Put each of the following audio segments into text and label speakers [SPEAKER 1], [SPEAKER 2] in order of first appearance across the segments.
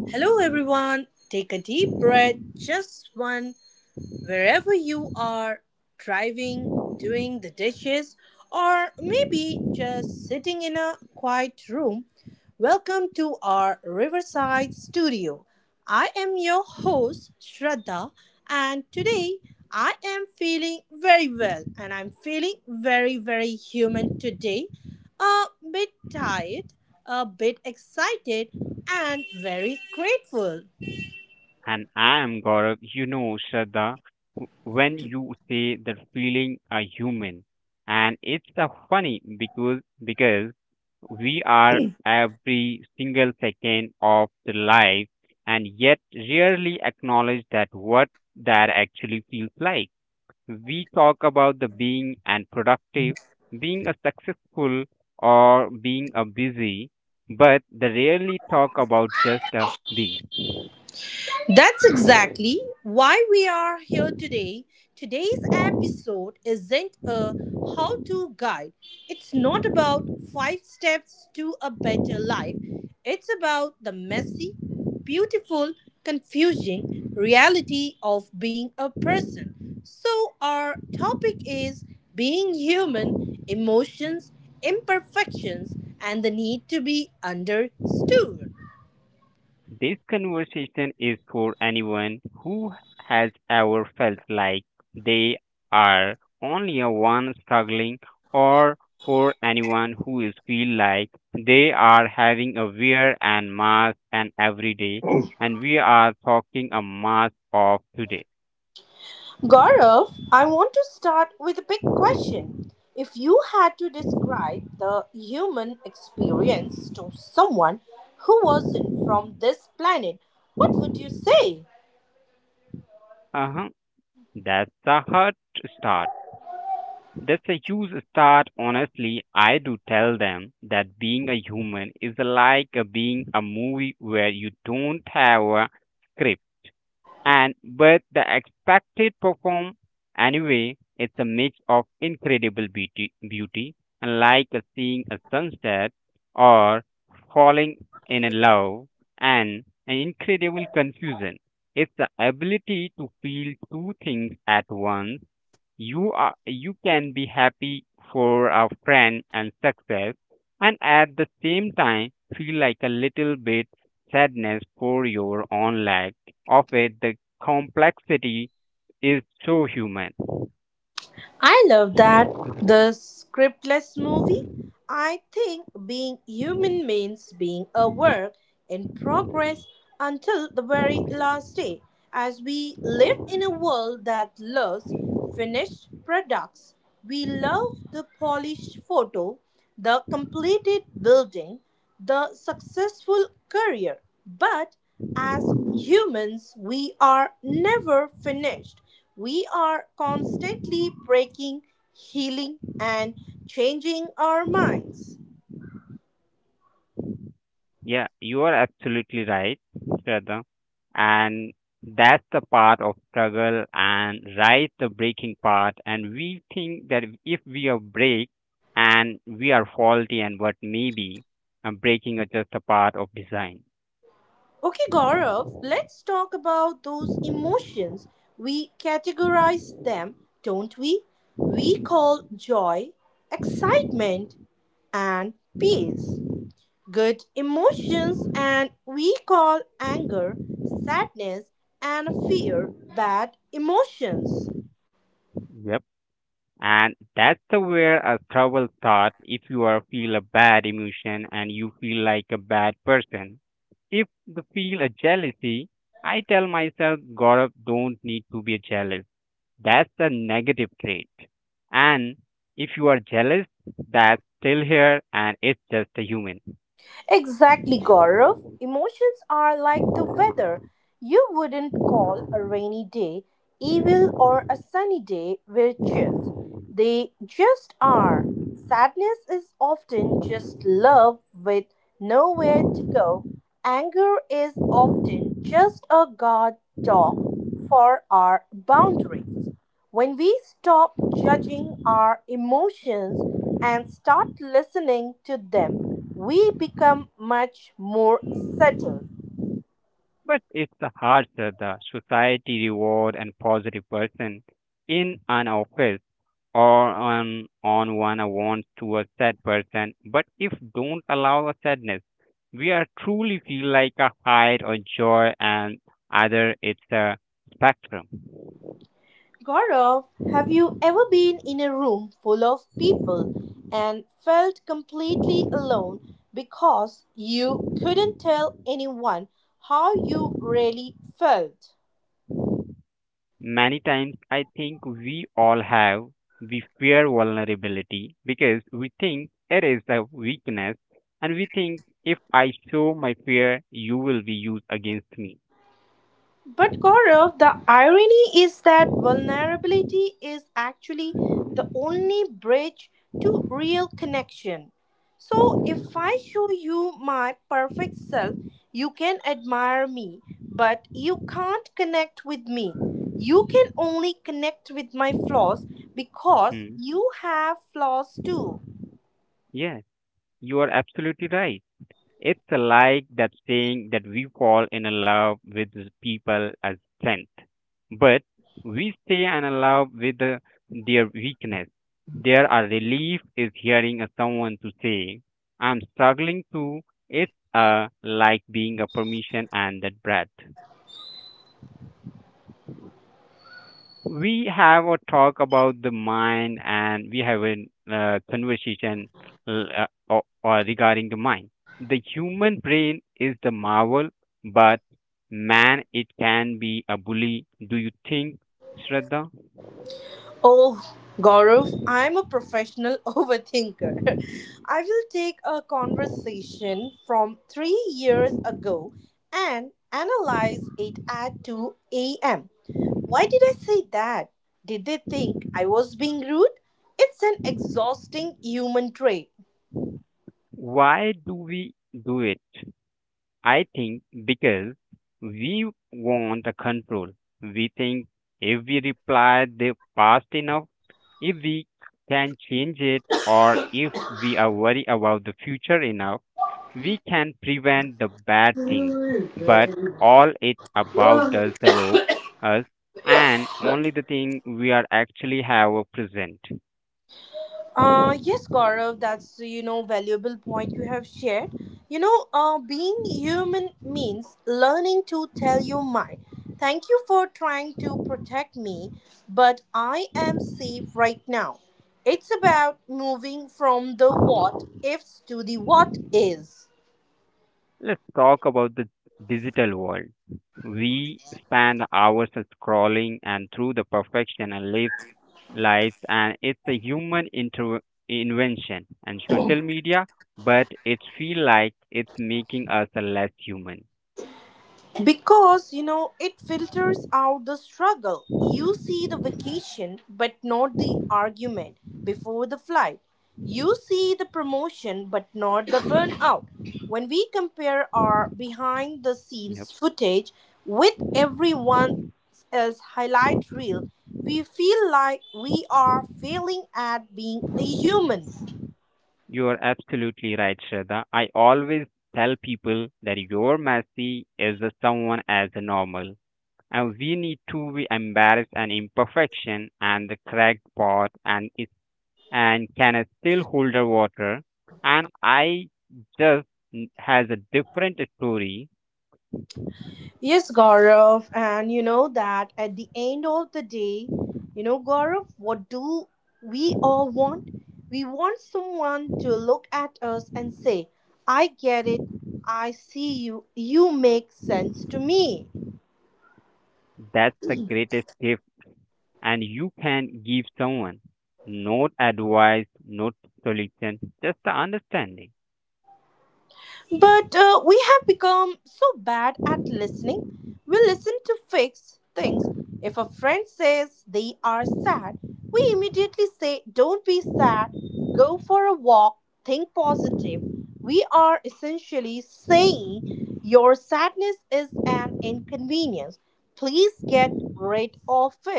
[SPEAKER 1] Hello, everyone. Take a deep breath, just one, wherever you are, driving, doing the dishes, or maybe just sitting in a quiet room. Welcome to our Riverside studio. I am your host, Shraddha, and today I am feeling very well and I'm feeling very, very human today. A bit tired, a bit excited, and very grateful.
[SPEAKER 2] And I am Gaurav. You know, Shraddha, when you say the feeling a human, and it's a funny because we are every single second of the life, and yet rarely acknowledge that what that actually feels like. We talk about the being and productive, being a successful or being a busy, but they rarely talk about just the being.
[SPEAKER 1] That's exactly why we are here today. Today's episode isn't a how to guide, it's not about five steps to a better life. It's about the messy, beautiful, confusing reality of being a person. So, our topic is being human: emotions, imperfections, and the need to be understood.
[SPEAKER 2] This conversation is for anyone who has ever felt like they are only a one struggling or for anyone who is feel like they are having a wear and mask and every day and we are talking a mask of today.
[SPEAKER 1] Gaurav, I want to start with a big question. If you had to describe the human experience to someone who wasn't from this planet, what would you say?
[SPEAKER 2] Uh-huh. That's the hard start. That's a huge start. Honestly, I do tell them that being a human is like a being a movie where you don't have a script and but the expected perform anyway. It's a mix of incredible beauty, like seeing a sunset or falling in a love, and an incredible confusion. It's the ability to feel two things at once you can be happy for a friend and success and at the same time feel like a little bit sadness for your own lack of it the complexity is so human.
[SPEAKER 1] I love that. The scriptless movie. I think being human means being a work in progress until the very last day, as we live in a world that loves finished products. We love the polished photo, the completed building, the successful career. But as humans, we are never finished. We are constantly breaking, healing, and changing our minds.
[SPEAKER 2] Yeah, you are absolutely right, Shraddha. And that's the part of struggle and right the breaking part. And we think that if we are break and we are faulty and what maybe breaking is just a part of design.
[SPEAKER 1] Okay, Gaurav, let's talk about those emotions. We categorize them, don't we? We call joy, excitement, and peace good emotions, and we call anger, sadness, and fear bad emotions.
[SPEAKER 2] Yep. And that's the where a trouble starts if you are feel a bad emotion and you feel like a bad person. If you feel a jealousy, I tell myself God don't need to be a jealous. That's a negative trait. And if you are jealous, that's still here and it's just a human.
[SPEAKER 1] Exactly, Gaurav. Emotions are like the weather. You wouldn't call a rainy day evil or a sunny day virtuous. They just are. Sadness is often just love with nowhere to go. Anger is often just a guard dog for our boundaries. When we stop judging our emotions and start listening to them, we become much more settled.
[SPEAKER 2] But it's the hard the society reward and positive person in an office or on one wants want to a sad person. But if don't allow a sadness, we are truly feel like a hide or joy and either it's a spectrum.
[SPEAKER 1] Gaurav, have you ever been in a room full of people and felt completely alone because you couldn't tell anyone how you really felt?
[SPEAKER 2] Many times I think we all have, we fear vulnerability because we think it is a weakness and we think if I show my fear, you will be used against me.
[SPEAKER 1] But Gaurav, the irony is that vulnerability is actually the only bridge to real connection. So if I show you my perfect self, you can admire me, but you can't connect with me. You can only connect with my flaws, because
[SPEAKER 2] Hmm.
[SPEAKER 1] you have flaws too.
[SPEAKER 2] Yes, you are absolutely right. It's like that saying that we fall in love with people as strength, but we stay in love with their weakness. There are relief is hearing a someone to say, I'm struggling too. It's like being a permission and that breath. We have a talk about the mind and we have a conversation or regarding the mind. The human brain is the marvel, but man, it can be a bully. Do you think, Shraddha?
[SPEAKER 1] Oh, Gaurav, I'm a professional overthinker. I will take a conversation from 3 years ago and analyze it at 2 a.m. Why did I say that? Did they think I was being rude? It's an exhausting human trait.
[SPEAKER 2] Why do we do it? I think because we want the control. We think if we reply the fast enough, if we can change it or if we are worried about the future enough, we can prevent the bad thing. But all it about does the rope us and only the thing we are actually have a present.
[SPEAKER 1] Yes, Gaurav, that's, you know, valuable point you have shared. You know, being human means learning to tell your mind, "Thank you for trying to protect me, but I am safe right now." It's about moving from the what ifs to the what is.
[SPEAKER 2] Let's talk about the digital world. We spend hours scrolling and through the perfection and live lives and it's a human invention and social media but it feel like it's making us a less human.
[SPEAKER 1] Because, you know, it filters out the struggle. You see the vacation, but not the argument before the flight. You see the promotion, but not the burnout. When we compare our behind the
[SPEAKER 2] Yep,
[SPEAKER 1] scenes footage with everyone else's highlight reel, we feel like we are failing at being a human.
[SPEAKER 2] you are absolutely right, Shraddha. I always tell people that your messy is a someone as a normal and we need to be embarrassed and imperfection and the cracked pot and it and can still hold the water and I just has a different story.
[SPEAKER 1] Yes, Gaurav, and you know that at the end of the day, you know, Gaurav, what do we all want? We want someone to look at us and say, "I get it, I see you, you make sense to me."
[SPEAKER 2] That's the greatest gift and you can give someone, not advice, not solution, just the understanding,
[SPEAKER 1] But we have become so bad at listening. We listen to fix things. If a friend says they are sad, we immediately say, "Don't be sad, go for a walk, think positive." We are essentially saying, "Your sadness is an inconvenience. Please get rid of it."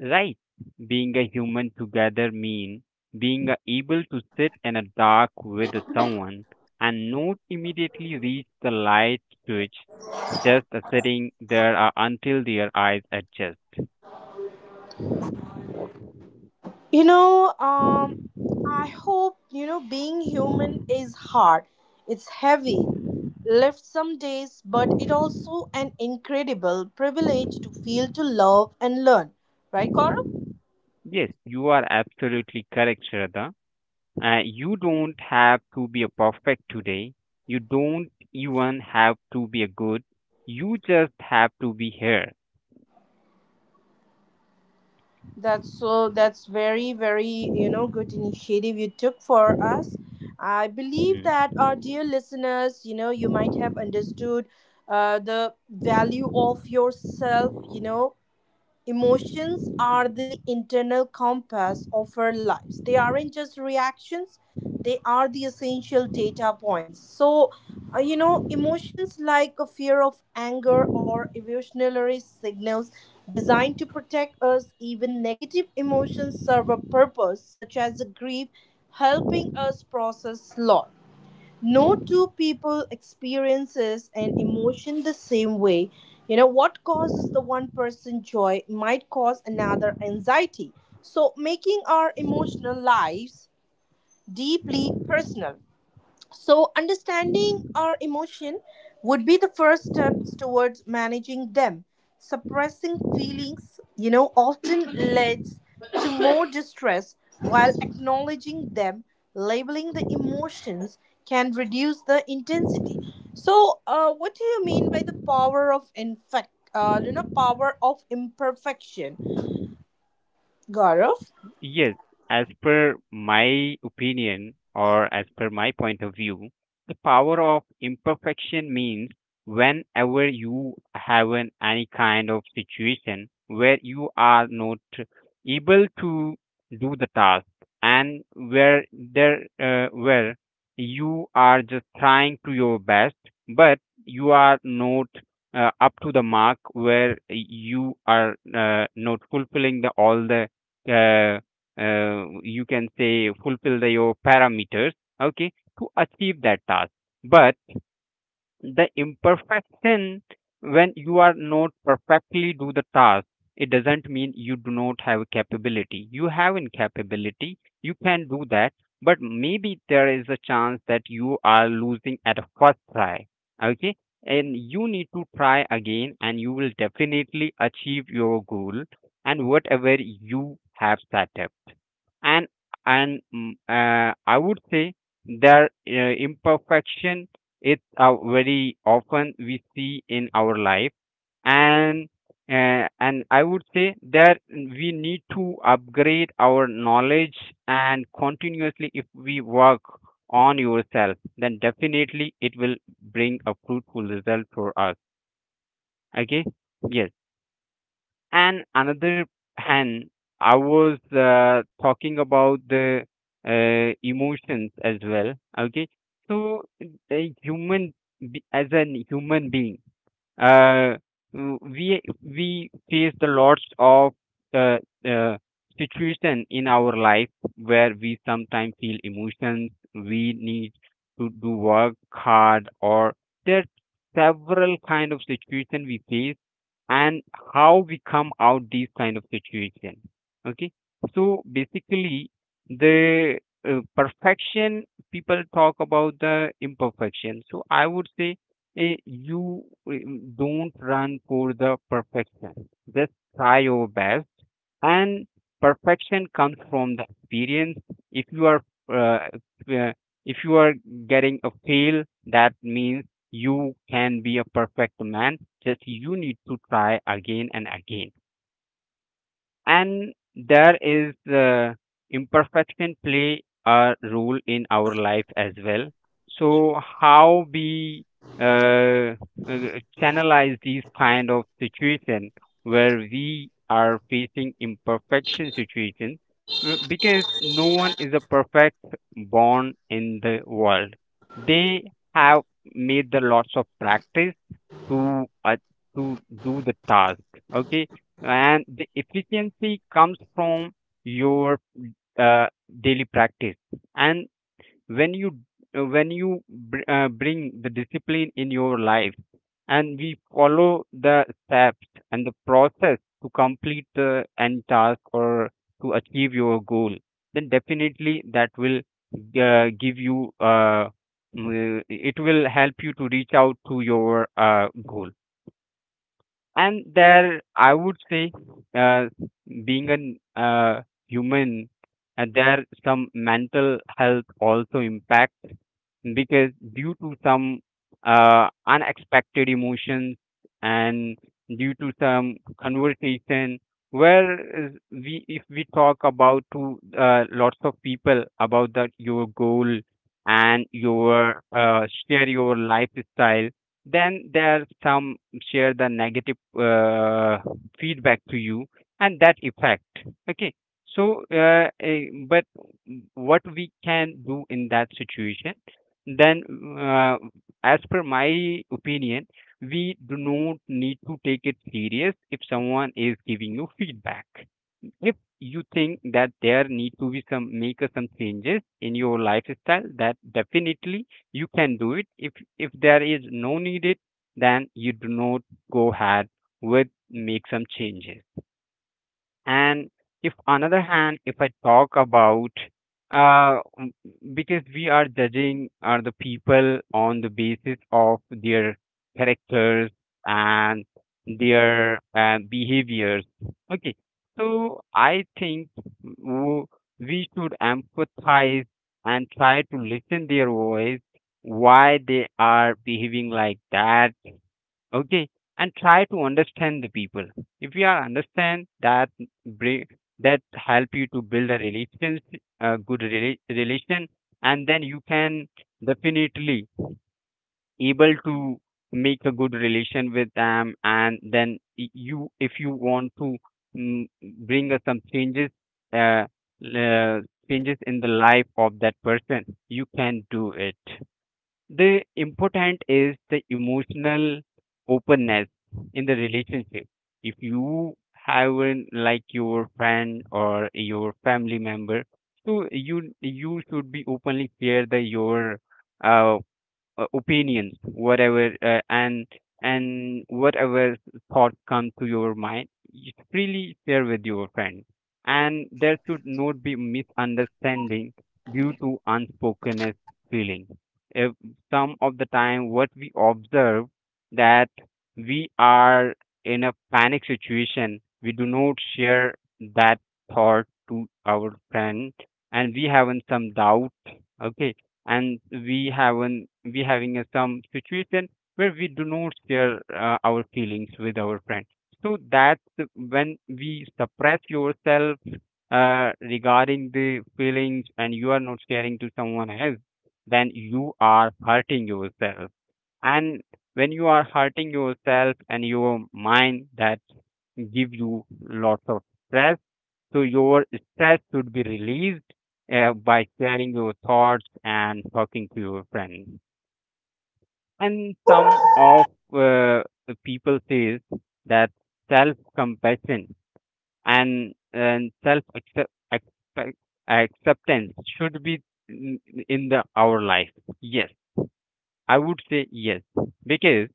[SPEAKER 2] right? Being a human together mean being able to sit in a dark with someone and not immediately reach the light switch, just sitting there until their eyes adjust.
[SPEAKER 1] You know, um, I hope, you know, being human is hard. It's heavy, left some days, but it also an incredible privilege to feel, to love, and learn. Right, Gaurav?
[SPEAKER 2] Yes, you are absolutely correct, Shraddha. You don't have to be a perfect today. You don't even have to be a good. You just have to be here.
[SPEAKER 1] That's so, that's very, very, you know, good initiative you took for us. I believe
[SPEAKER 2] Hmm.
[SPEAKER 1] that our dear listeners, you know, you might have understood the value of yourself, you know. Emotions are the internal compass of our lives. They aren't just reactions, they are the essential data points. So, you know, emotions like a fear of anger or evolutionary signals designed to protect us. Even negative emotions serve a purpose, such as grief, helping us process loss. No two people experiences an emotion the same way. You know, what causes the one person joy might cause another anxiety, so making our emotional lives deeply personal. So, understanding our emotion would be the first steps towards managing them. Suppressing feelings, you know, often leads to more distress, while acknowledging them, labeling the emotions, can reduce the intensity. So, what do you mean by the power of you know, power of imperfection, Gaurav?
[SPEAKER 2] Yes, as per my opinion or as per my point of view, the power of imperfection means whenever you have an, any kind of situation where you are not able to do the task and where there where you are just trying to your best but you are not up to the mark where you are not fulfilling the all the uh, you can say fulfill the, your parameters, okay, to achieve that task. But the imperfection, when you are not perfectly do the task, it doesn't mean you do not have capability, you have incapability. You can do that but maybe there is a chance that you are losing at a first try, okay, and you need to try again and you will definitely achieve your goal and whatever you have set up. And I would say their imperfection is very often we see in our life. And and I would say that we need to upgrade our knowledge and continuously if we work on yourself then definitely it will bring a fruitful result for us. Okay. Yes. And another hand, I was talking about the emotions as well. Okay, so a human as an human being, uh, we face the lots of uh, uh, situation in our life where we sometimes feel emotions we need to do work hard or there are several kind of situation we face and how we come out these kind of situation, okay. So basically the perfection, people talk about the imperfection, so I would say, don't run for the perfection. Just try your best. And perfection comes from the experience. If you are uh, uh, if you are getting a fail, that means you can be a perfect man. Just you need to try again and again and there is imperfection play a role in our life as well. So how we uh, uh, channelize these kind of situation where we are facing imperfection situation, because no one is a perfect born in the world. They have made the lots of practice to uh, to do the task, okay. And the efficiency comes from your uh, daily practice. And when you when you bring the discipline in your life and we follow the steps and the process to complete the end task or to achieve your goal, then definitely that will give you mm, it will help you to reach out to your goal. And there, I would say, uh, being a human, there some mental health also impacts because due to some unexpected emotions and due to some conversation where is we if we talk about to lots of people about that your goal and your share your lifestyle, then there are some share the negative feedback to you and that effect, okay. So but what we can do in that situation, then uh, as per my opinion, we do not need to take it serious if someone is giving you feedback. If you think that there need to be some make a some changes in your lifestyle, that definitely you can do it. If there is no needed then you do not go ahead with make some changes. And if another hand, if I talk about uh m- because we are judging are the people on the basis of their characters and their behaviors, okay. So I think w- we should empathize and try to listen their voice why they are behaving like that, okay, and try to understand the people. If you are understand that bring, that help you to build a relations, a good relation, and then you can definitely able to make a good relation with them. And then you, if you want to mm, bring some changes, uh, uh, changes in the life of that person, you can do it. The important is the emotional openness in the relationship. If you have an, like your friend or your family member, so you should be openly share the your uh, opinions whatever and whatever thought comes to your mind you freely share with your friend, and there should not be misunderstanding due to unspokenness feeling. If some of the time what we observe that we are in a panic situation, we do not share that thought to our friend, and we having some doubt. Okay, and we haven't we having a some situation where we do not share our feelings with our friend. So that's when we suppress yourself regarding the feelings and you are not sharing to someone else, then you are hurting yourself. And when you are hurting yourself and your mind, that give you lots of stress. So your stress should be released by sharing your thoughts and talking to your friends. And some of uh, the people says that self compassion and self acceptance should be in in the our life. Yes, I would say yes, because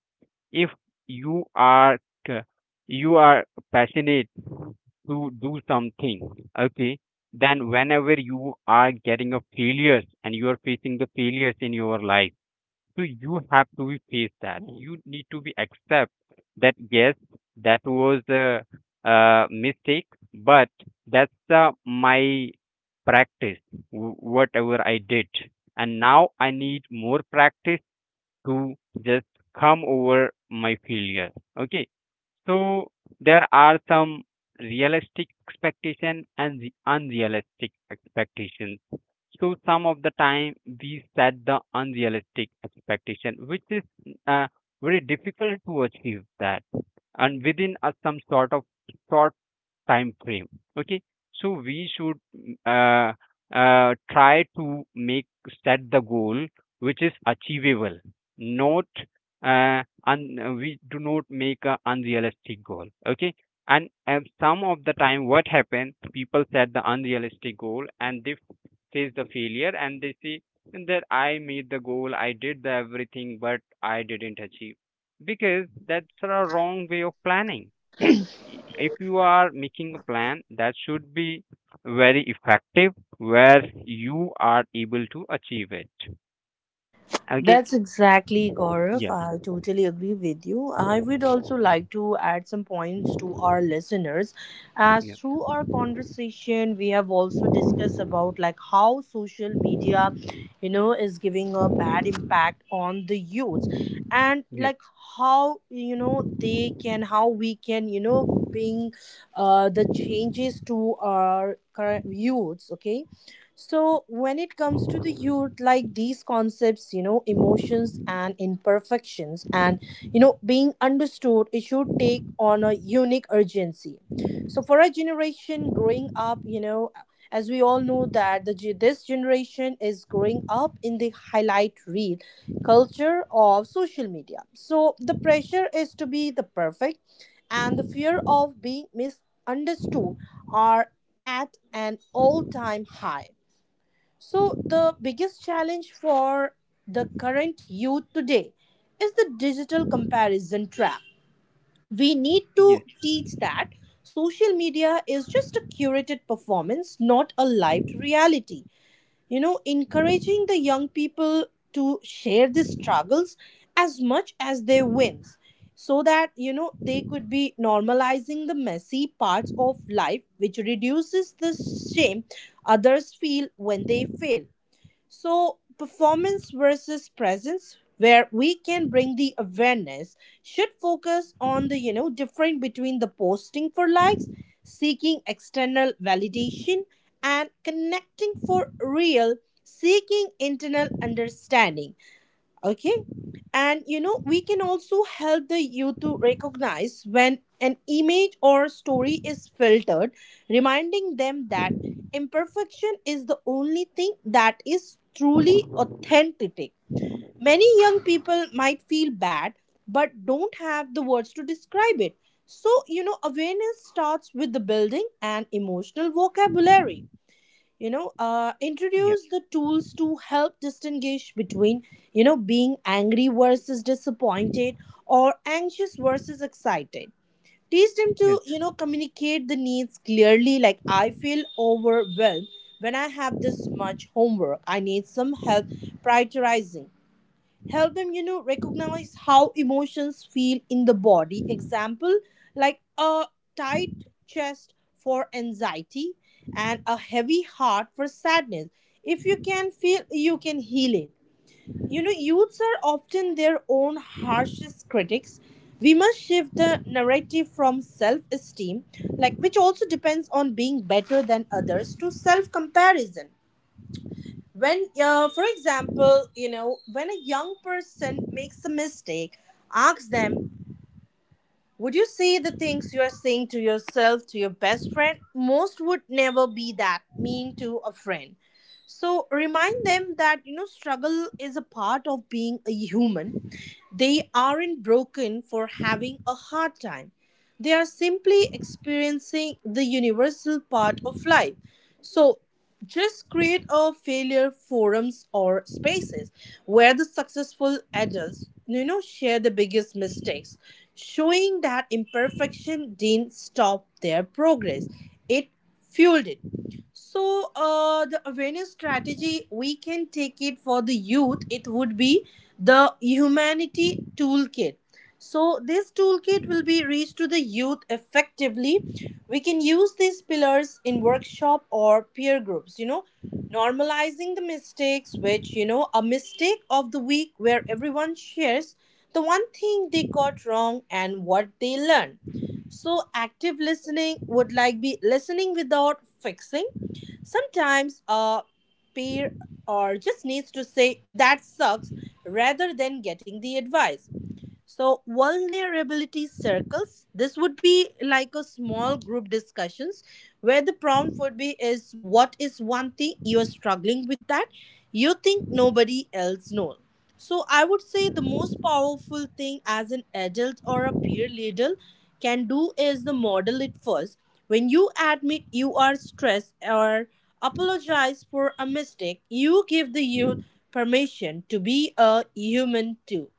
[SPEAKER 2] if you are c- you are passionate to do something. Okay, then whenever you are getting a failures and you are facing the failures in your life, so you have to be face that. You need to be accept that yes, that was a mistake, but that's my practice whatever I did, and now I need more practice to just come over my failure. Okay, so there are some realistic expectation and the unrealistic expectations. So some of the time we set the unrealistic expectation, which is uh, very difficult to achieve that, and within a some sort of short time frame. Okay, so we should try to make set the goal which is achievable, not uh, un, we do not make a unrealistic goal. Okay, and some of the time what happens people set the unrealistic goal and they face the failure, and they say that I made the goal, I did the everything, but I didn't achieve, because that's a wrong way of planning. If you are making a plan, that should be very effective where you are able to achieve it. Okay.
[SPEAKER 1] That's exactly, Gaurav.
[SPEAKER 2] Yeah,
[SPEAKER 1] I totally agree with you. I would also like to add some points to our listeners. As
[SPEAKER 2] yeah,
[SPEAKER 1] through our conversation, we have also discussed about like how social media, you know, is giving a bad impact on the youths, and
[SPEAKER 2] yeah.
[SPEAKER 1] like how, you know, they can, how we can, you know, bring the changes to our current youths. Okay, so, when it comes to the youth, like these concepts, you know, emotions and imperfections, and, you know, being understood, it should take on a unique urgency. So, for a generation growing up, you know, as we all know that the this generation is growing up in the highlight reel culture of social media. So, the pressure is to be the perfect, and the fear of being misunderstood are at an all-time high. So, the biggest challenge for the current youth today is the digital comparison trap. We need
[SPEAKER 2] Yes.
[SPEAKER 1] to teach that social media is just a curated performance, not a lived reality. You know, encouraging the young people to share the struggles as much as their wins, so that, you know, they could be normalizing the messy parts of life, which reduces the shame others feel when they fail. So, performance versus presence, where we can bring the awareness, should focus on the, you know, difference between the posting for likes, seeking external validation, and connecting for real, seeking internal understanding. Okay, and, you know, we can also help the youth to recognize when an image or story is filtered, reminding them that imperfection is the only thing that is truly authentic. Many young people might feel bad but don't have the words to describe it. So, you know, awareness starts with the building an emotional vocabulary. You know,
[SPEAKER 2] Yeah.
[SPEAKER 1] introduce the tools to help distinguish between, you know, being angry versus disappointed, or anxious versus excited. Teach them to,
[SPEAKER 2] Yes.
[SPEAKER 1] you know, communicate the needs clearly, like, "I feel overwhelmed when I have this much homework, I need some help prioritizing." Help them, you know, recognize how emotions feel in the body. Example, like a tight chest for anxiety and a heavy heart for sadness. If you can feel, you can heal it. You know, youths are often their own harshest critics. We must shift the narrative from self-esteem, like which also depends on being better than others, to self-comparison. When, for example, you know, when a young person makes a mistake, ask them, would you say the things you are saying to yourself to your best friend? Most would never be that mean to a friend. So remind them that, you know, struggle is a part of being a human. They aren't broken for having a hard time. They are simply experiencing the universal part of life. So just create a failure forums or spaces where the successful adults, you know, share the biggest mistakes, showing that imperfection didn't stop their progress, it fueled it. So, the awareness strategy we can take it for the youth, it would be the humanity toolkit. So this toolkit will be reached to the youth effectively. We can use these pillars in workshop or peer groups, you know, normalizing the mistakes, which, you know, a mistake of the week where everyone shares the one thing they got wrong and what they learned. So active listening would like be listening without fixing. Sometimes a peer or just needs to say that sucks, rather than getting the advice. So vulnerability circles. This would be like a small group discussions where the prompt would be, is what is one thing you are struggling with that you think nobody else knows. So I would say the most powerful thing as an adult or a peer leader can do is the model it first. When you admit you are stressed or apologize for a mistake, you give the youth permission to be a human too.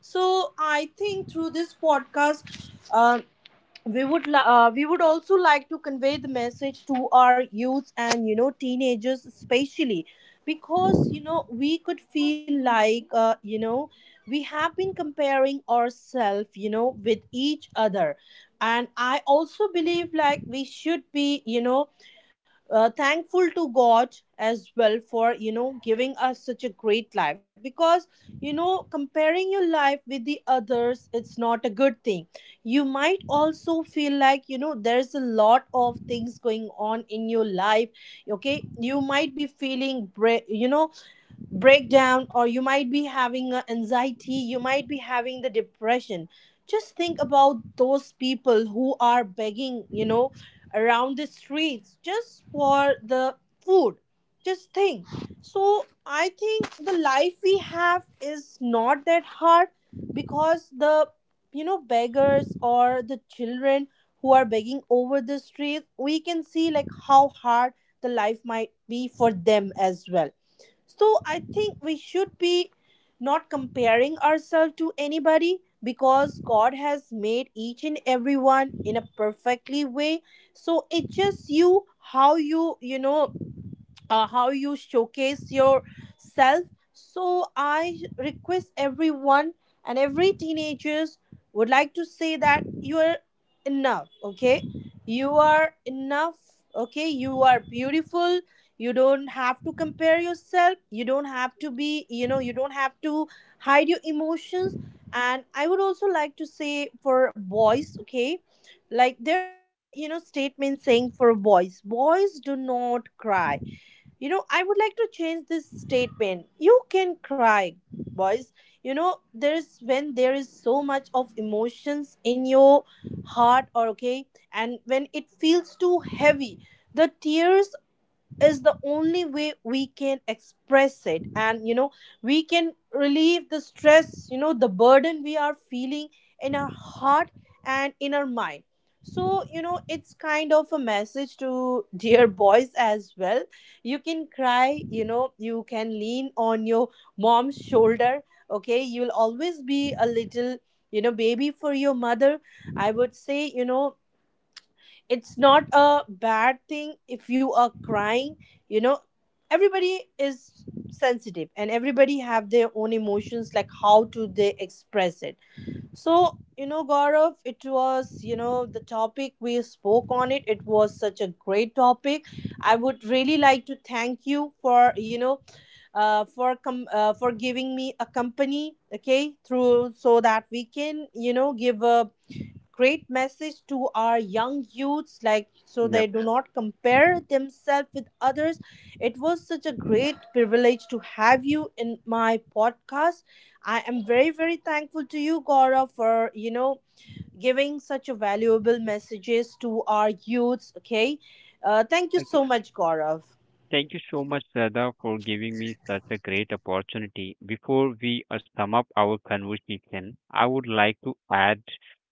[SPEAKER 1] So I think through this podcast, we would also like to convey the message to our youth and, you know, teenagers especially, because, you know, we could feel like, you know, we have been comparing ourselves, you know, with each other. And I also believe like we should be, you know, thankful to God as well for, you know, giving us such a great life, because, you know, comparing your life with the others, it's not a good thing. You might also feel like, you know, there's a lot of things going on in your life. Okay, you might be feeling you know, breakdown, or you might be having a anxiety, you might be having the depression. Just think about those people who are begging, you know, around the streets just for the food. Just think. So I think the life we have is not that hard, because the, you know, beggars or the children who are begging over the streets, we can see like how hard the life might be for them as well. So I think we should be not comparing ourselves to anybody, because God has made each and everyone in a perfectly way. So it's just you, how you, you know, how you showcase yourself. So I request everyone and every teenagers, would like to say that you are enough. Okay, you are enough. Okay, you are beautiful. You don't have to compare yourself, you don't have to be, you know, you don't have to hide your emotions. And I would also like to say for boys, okay, like there is a, you know, statement saying for boys, boys do not cry. You know, I would like to change this statement. You can cry, boys. You know, there is, when there is so much of emotions in your heart, or okay, and when it feels too heavy, the tears is the only way we can express it, and, you know, we can relieve the stress, you know, the burden we are feeling in our heart and in our mind. So, you know, it's kind of a message to dear boys as well. You can cry, you know, you can lean on your mom's shoulder. Okay, you'll always be a little, you know, baby for your mother. I would say, you know, it's not a bad thing if you are crying. You know, everybody is sensitive and everybody have their own emotions, like how to they express it. So, you know, Gaurav, it was, you know, the topic we spoke on, it was such a great topic. I would really like to thank you for, you know, for giving me a company, okay, through, so that we can, you know, give a great message to our young youths, like so
[SPEAKER 2] Yeah.
[SPEAKER 1] they do not compare themselves with others. It was such a great privilege to have you in my podcast. I am very, very thankful to you, Gaurav, for, you know, giving such a valuable messages to our youths. Okay, thank you
[SPEAKER 2] Okay.
[SPEAKER 1] so much, Gaurav.
[SPEAKER 2] Thank you so much, Sada, for giving me such a great opportunity. Before we sum up our conversation, I would like to add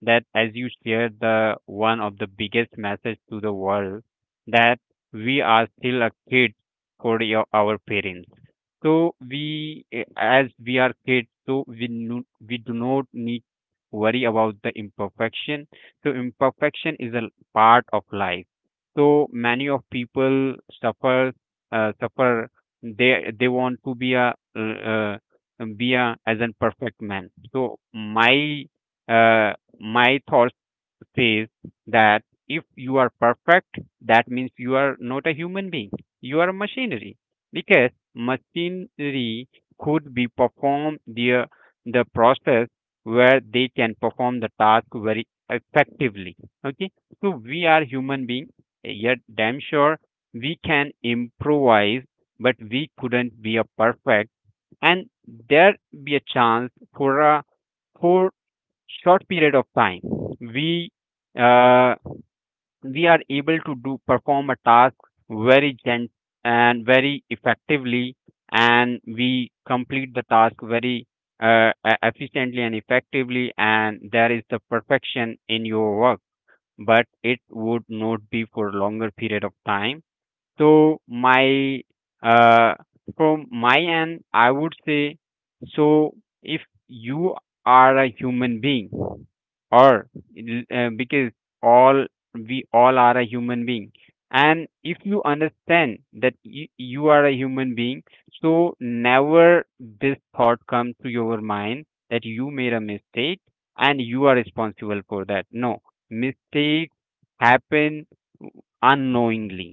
[SPEAKER 2] that as you shared the one of the biggest message to the world, that we are still a kid for your, our parents. So we, eh, as we are kids, so we no, we do not need worry about the imperfection. So imperfection is a part of life. So many of people suffer suffer. They want to be a as a perfect man. So uh, my thoughts says that if you are perfect, that means you are not a human being. You are a machinery, because machinery could be perform their the process where they can perform the task very effectively. Okay, so we are human being. Yet damn sure we can improvise, but we couldn't be a perfect. And there be a chance for a for short period of time we uh, we are able to do perform a task very gent and very effectively, and we complete the task very efficiently and effectively, and there is the perfection in your work, but it would not be for longer period of time. So my uh, from my end, I would say, so if you are a human being, or because all we all are a human being, and if you understand that you are a human being, so never this thought comes to your mind that you made a mistake and you are responsible for that. No, mistakes happen unknowingly.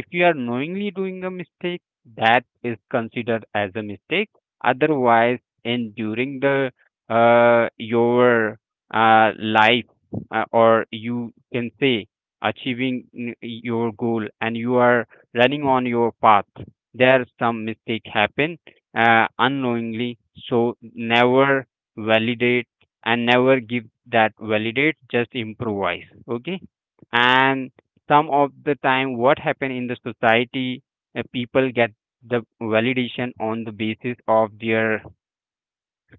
[SPEAKER 2] If you are knowingly doing a mistake, that is considered as a mistake. Otherwise, in during the your life, or you can say achieving your goal, and you are running on your path, there some mistake happen unknowingly. So never validate and never give that validate. Just improvise. Okay, and some of the time what happen in the society, people get the validation on the basis of their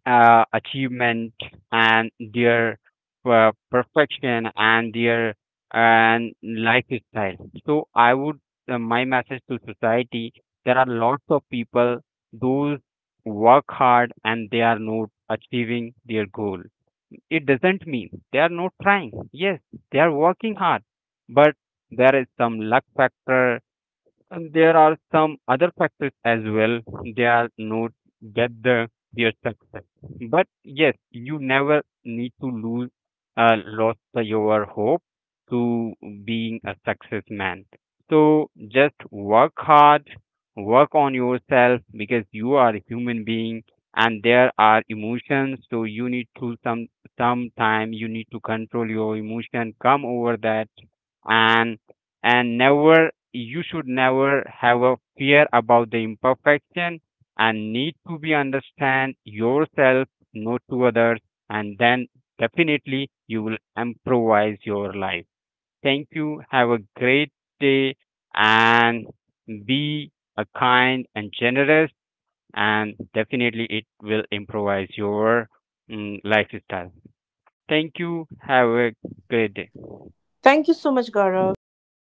[SPEAKER 2] achievement and their perfection and their and lifestyle. So I would, my message to society, there are lots of people those work hard and they are not achieving their goal. It doesn't mean they are not trying. Yes, they are working hard, but there is some luck factor, and there are some other factors as well. They are not get the their success. But yes, you never need to lose lost your hope to being a success man. So just work hard, work on yourself, because you are a human being and there are emotions. So you need to some time you need to control your emotion, come over that, and and never you should never have a fear about the imperfection, and need to be understand yourself not to others, and then definitely you will improvise your life. Thank you, have a great day, and be a kind and generous, and definitely it will improvise your lifestyle. Thank you, have a great day.
[SPEAKER 1] Thank you so much, Gaurav.